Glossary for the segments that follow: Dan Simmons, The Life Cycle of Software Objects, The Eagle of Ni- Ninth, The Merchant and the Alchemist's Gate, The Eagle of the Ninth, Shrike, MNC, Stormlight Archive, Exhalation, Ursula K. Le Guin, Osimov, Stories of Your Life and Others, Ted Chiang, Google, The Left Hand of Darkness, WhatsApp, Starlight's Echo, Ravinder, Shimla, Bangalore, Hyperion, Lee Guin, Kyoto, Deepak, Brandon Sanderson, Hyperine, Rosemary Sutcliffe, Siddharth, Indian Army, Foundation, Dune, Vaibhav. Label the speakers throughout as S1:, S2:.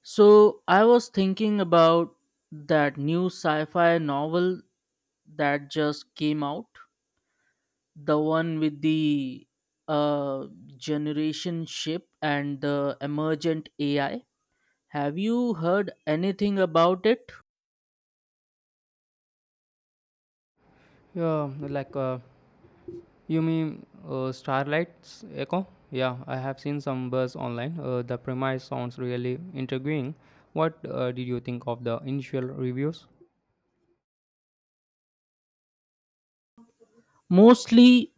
S1: So I was thinking about that new sci-fi novel that just came out, the one with the uh, generation ship and the emergent AI. Have you heard anything about it?
S2: Yeah, like you mean Starlight's Echo? Yeah, I have seen some buzz online. The premise sounds really intriguing. What did you think of the initial reviews?
S1: Mostly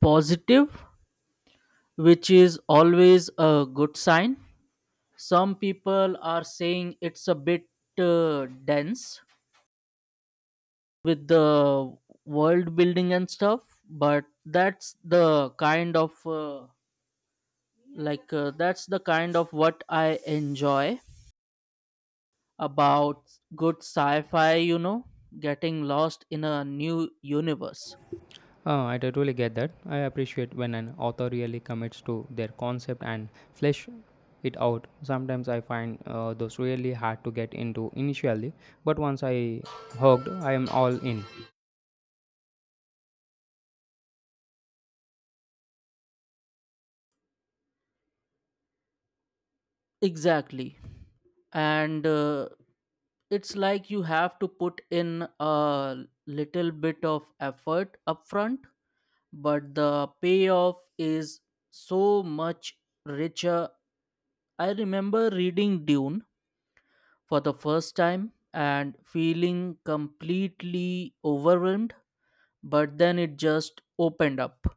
S1: positive, which is always a good sign. Some people are saying it's a bit dense, with the world building and stuff, but that's the kind of what I enjoy about good sci-fi, getting lost in a new universe.
S2: I totally get that. I appreciate when an author really commits to their concept and flesh it out. Sometimes I find those really hard to get into initially, but once I hooked, I am all in.
S1: Exactly. And it's like you have to put in a little bit of effort up front, but the payoff is so much richer. I remember reading Dune for the first time and feeling completely overwhelmed, but then it just opened up.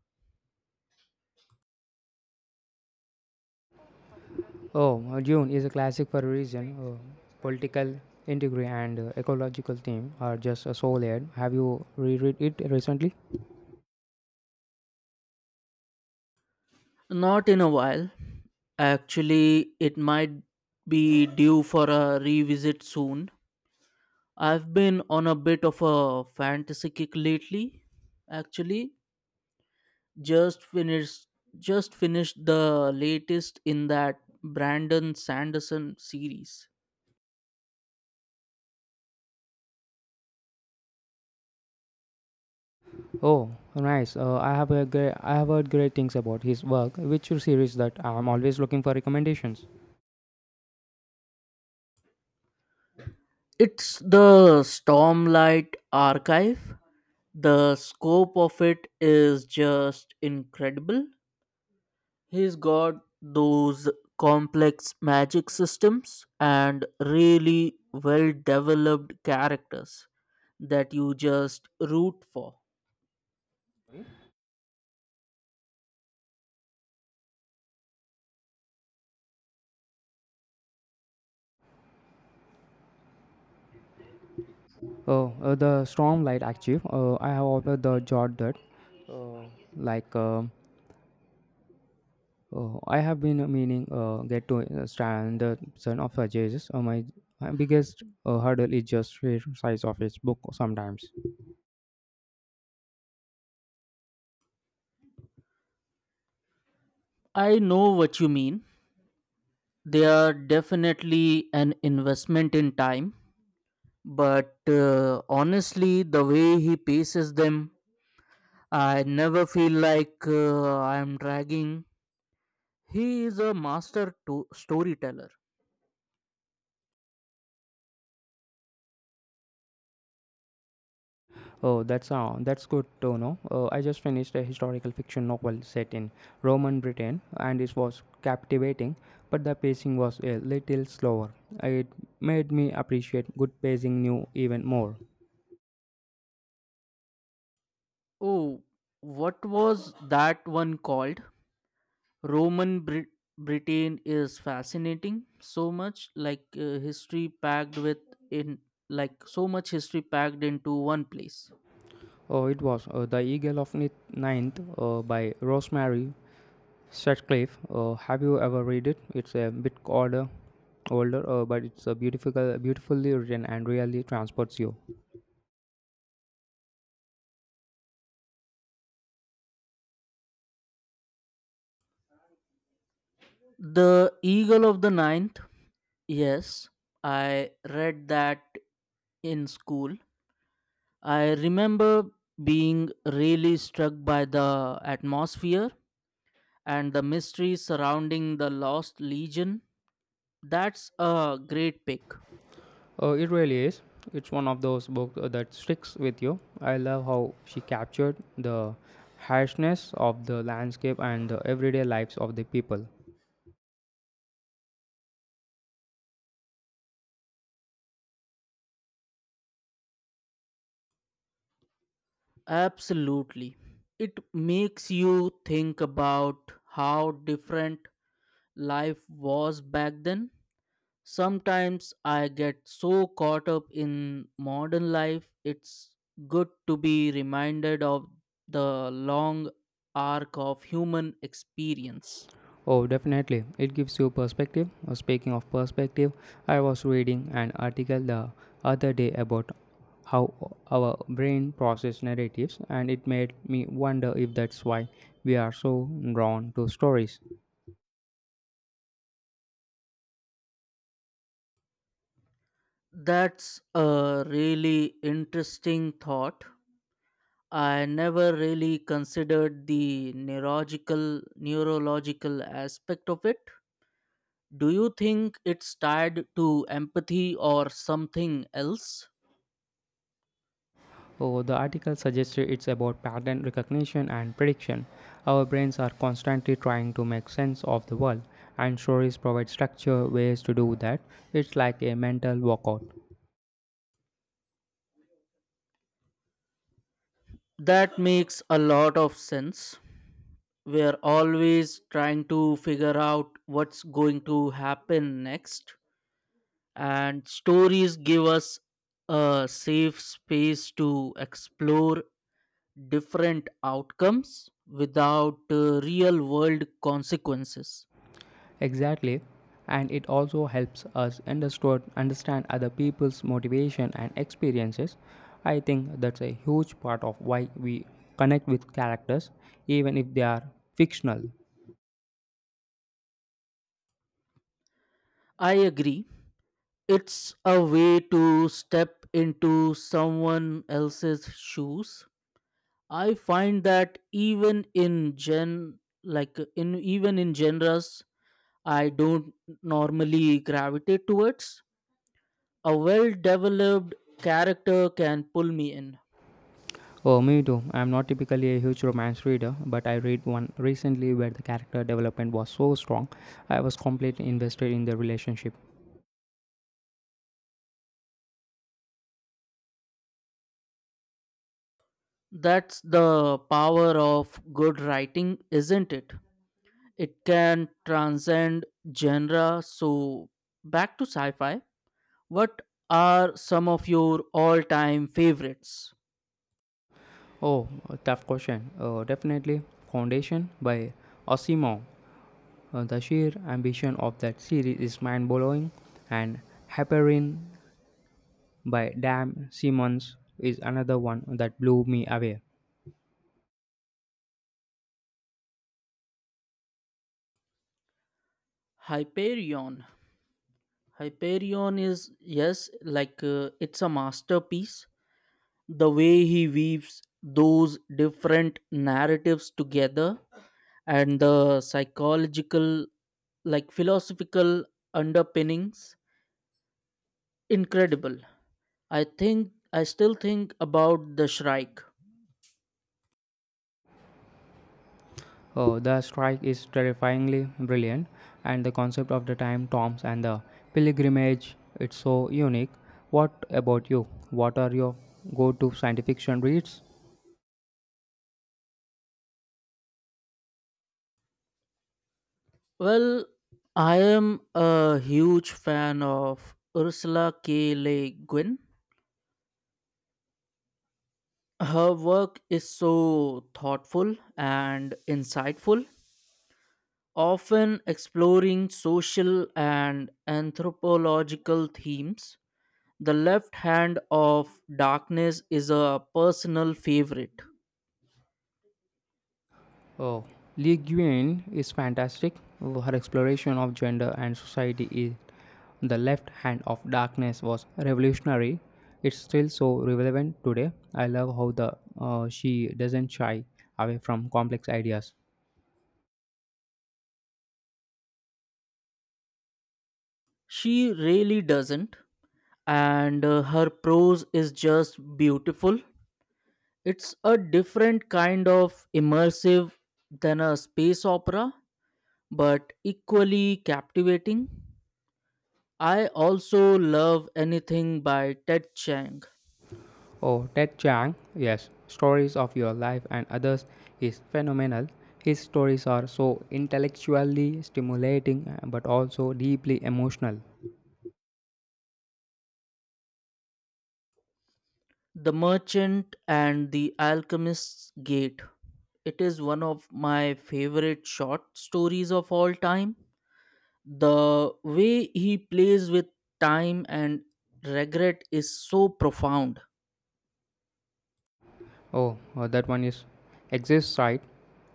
S2: Oh, Dune is a classic for a reason. Political intrigue and ecological theme are just so layered. Have you reread it recently?
S1: Not in a while. Actually, it might be due for a revisit soon. I've been on a bit of a fantasy kick lately, actually. just finished just finished the latest in that Brandon Sanderson series.
S2: Oh, nice. I have heard great things about his work. Which series that I'm always looking for recommendations.
S1: It's the Stormlight Archive. The scope of it is just incredible. He's got those complex magic systems and really well developed characters that you just root for.
S2: Oh, the Stormlight Archive. I have ordered the Jot that uh, like uh, I have been meaning get to stand the son of Jesus. My biggest hurdle is just the size of his book sometimes.
S1: I know what you mean. They are definitely an investment in time, but honestly, the way he paces them, I never feel like I am dragging. He is a storyteller.
S2: Oh, that's good to know. I just finished a historical fiction novel set in Roman Britain, and it was captivating, but the pacing was a little slower. It made me appreciate good pacing new even more.
S1: Oh, what was that one called? roman Brit- Britain is fascinating, so much like history packed with in like, so much history packed into one place.
S2: Oh, it was The Eagle of Ninth by Rosemary Sutcliffe. Have you ever read it? It's a bit older, but it's a beautifully written and really transports you.
S1: The Eagle of the Ninth, yes, I read that in school. I remember being really struck by the atmosphere and the mystery surrounding the Lost Legion. That's a great pick.
S2: It really is. It's one of those books that sticks with you. I love how she captured the harshness of the landscape and the everyday lives of the people.
S1: Absolutely. It makes you think about how different life was back then. Sometimes I get so caught up in modern life, it's good to be reminded of the long arc of human experience.
S2: Oh, definitely. It gives you perspective. Speaking of perspective, I was reading an article the other day about how our brain process narratives, and it made me wonder if that's why we are so drawn to stories.
S1: That's a really interesting thought. I never really considered the neurological aspect of it. Do you think it's tied to empathy or something else?
S2: Oh, the article suggested it's about pattern recognition and prediction. Our brains are constantly trying to make sense of the world, and stories provide structure, ways to do that. It's like a mental workout.
S1: That makes a lot of sense. We're always trying to figure out what's going to happen next, and stories give us a safe space to explore different outcomes without real world consequences.
S2: Exactly. And it also helps us understand other people's motivation and experiences. I think that's a huge part of why we connect with characters, even if they are fictional.
S1: I agree. It's a way to step into someone else's shoes. I find that even in even in genres I don't normally gravitate towards, a well developed character can pull me in.
S2: Oh, me too. I'm not typically a huge romance reader, but I read one recently where the character development was so strong. I was completely invested in the relationship.
S1: That's the power of good writing, isn't it? It can transcend genre. So, back to sci fi, what are some of your all time favorites?
S2: Oh, a tough question. Definitely Foundation by Osimov. The sheer ambition of that series is mind blowing, and Hyperine by Dan Simmons is another one that blew me away.
S1: Hyperion. Hyperion is, yes, like it's a masterpiece. The way he weaves those different narratives together and the psychological, like philosophical underpinnings, incredible. I still think about the Shrike.
S2: Oh, the strike is terrifyingly brilliant, and the concept of the time tombs and the pilgrimage it's so unique. What about you? What are your go-to science fiction reads?
S1: Well, I am a huge fan of Ursula K. Le Guin. Her work is so thoughtful and insightful, often exploring social and anthropological themes. The Left Hand of Darkness is a personal favorite.
S2: Oh, Lee Guin is fantastic. Her exploration of gender and society is the left hand of darkness was revolutionary. It's still so relevant today. I love how the she doesn't shy away from complex ideas.
S1: She really doesn't, and her prose is just beautiful. It's a different kind of immersive than a space opera, but equally captivating. I also love anything by Ted Chiang.
S2: Oh, Ted Chiang, yes, stories of your life and others is phenomenal. His stories are so intellectually stimulating but also deeply emotional.
S1: The Merchant and the Alchemist's Gate. It is one of my favorite short stories of all time. The way he plays with time and regret is so profound.
S2: Oh, that one is exists, right?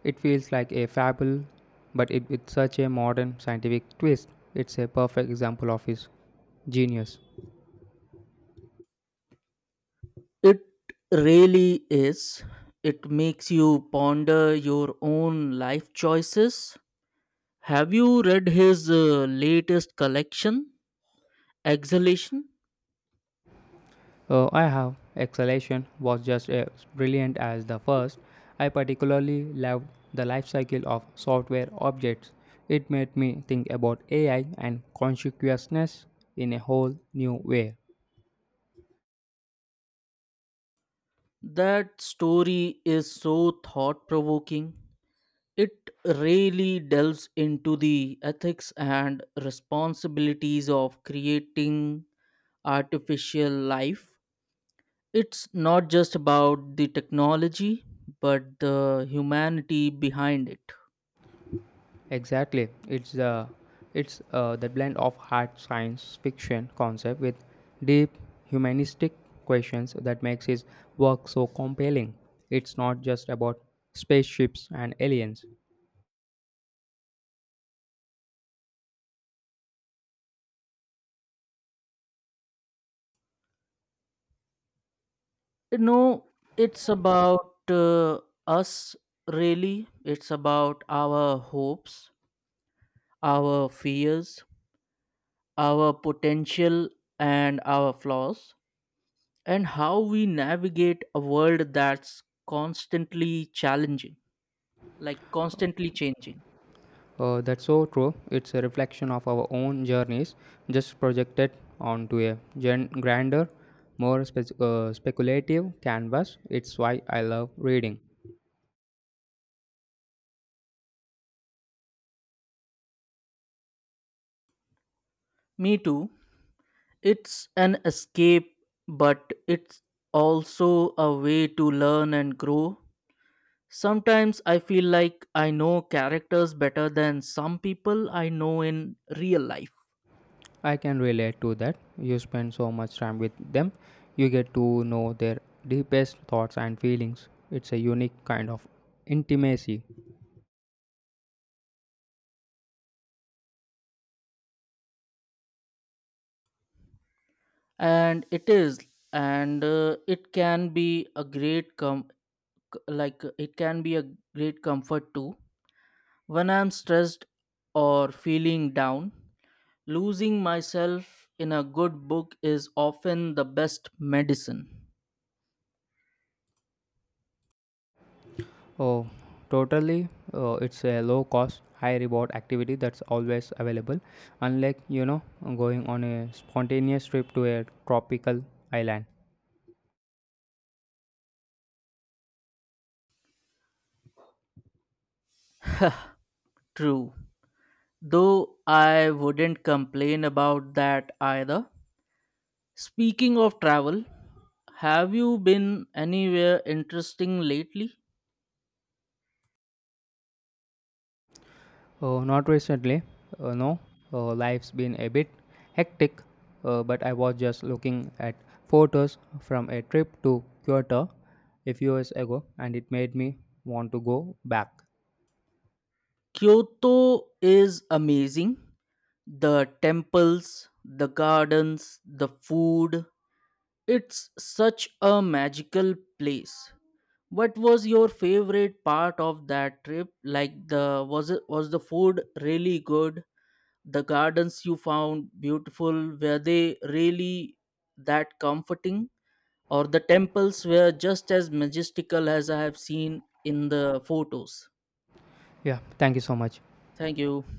S2: It feels like a fable, but it with such a modern scientific twist. It's a perfect example of his genius.
S1: It really is. It makes you ponder your own life choices. Have you read his latest collection, Exhalation?
S2: I have. Exhalation was just as brilliant as the first. I particularly loved the life cycle of software objects. It made me think about AI and consciousness in a whole new way.
S1: That story is so thought provoking. It really delves into the ethics and responsibilities of creating artificial life. It's not just about the technology, but the humanity behind it.
S2: Exactly, it's the blend of hard science fiction concept with deep humanistic questions that makes his work so compelling. It's not just about spaceships and aliens.
S1: No, it's about us, really. It's about our hopes, our fears, our potential, and our flaws, and how we navigate a world that's constantly challenging, like constantly changing.
S2: That's so true. It's a reflection of our own journeys, just projected onto a grander, more speculative canvas. It's why I love reading.
S1: Me too. It's an escape, but it's also a way to learn and grow. Sometimes I feel like I know characters better than some people I know in real life.
S2: I can relate to that. You spend so much time with them, you get to know their deepest thoughts and feelings. It's a unique kind of intimacy.
S1: And it is, and it can be a great com- c- like it can be a great comfort too. When I'm stressed or feeling down, losing myself in a good book is often the best medicine.
S2: Oh, totally. It's a low cost, high reward activity that's always available, unlike, you know, going on a spontaneous trip to a tropical island.
S1: True. Though I wouldn't complain about that either. Speaking of travel, have you been anywhere interesting lately?
S2: Not recently, no. Life's been a bit hectic, but I was just looking at photos from a trip to Kyoto a few years ago, and it made me want to go back.
S1: Kyoto is amazing. The temples, the gardens, the food. It's such a magical place. What was your favorite part of that trip? Like the was it was the food really good? The gardens you found beautiful, were they really that comforting? Or the temples, were just as majestical as I have seen in the photos?
S2: Yeah, thank you so much.
S1: Thank you.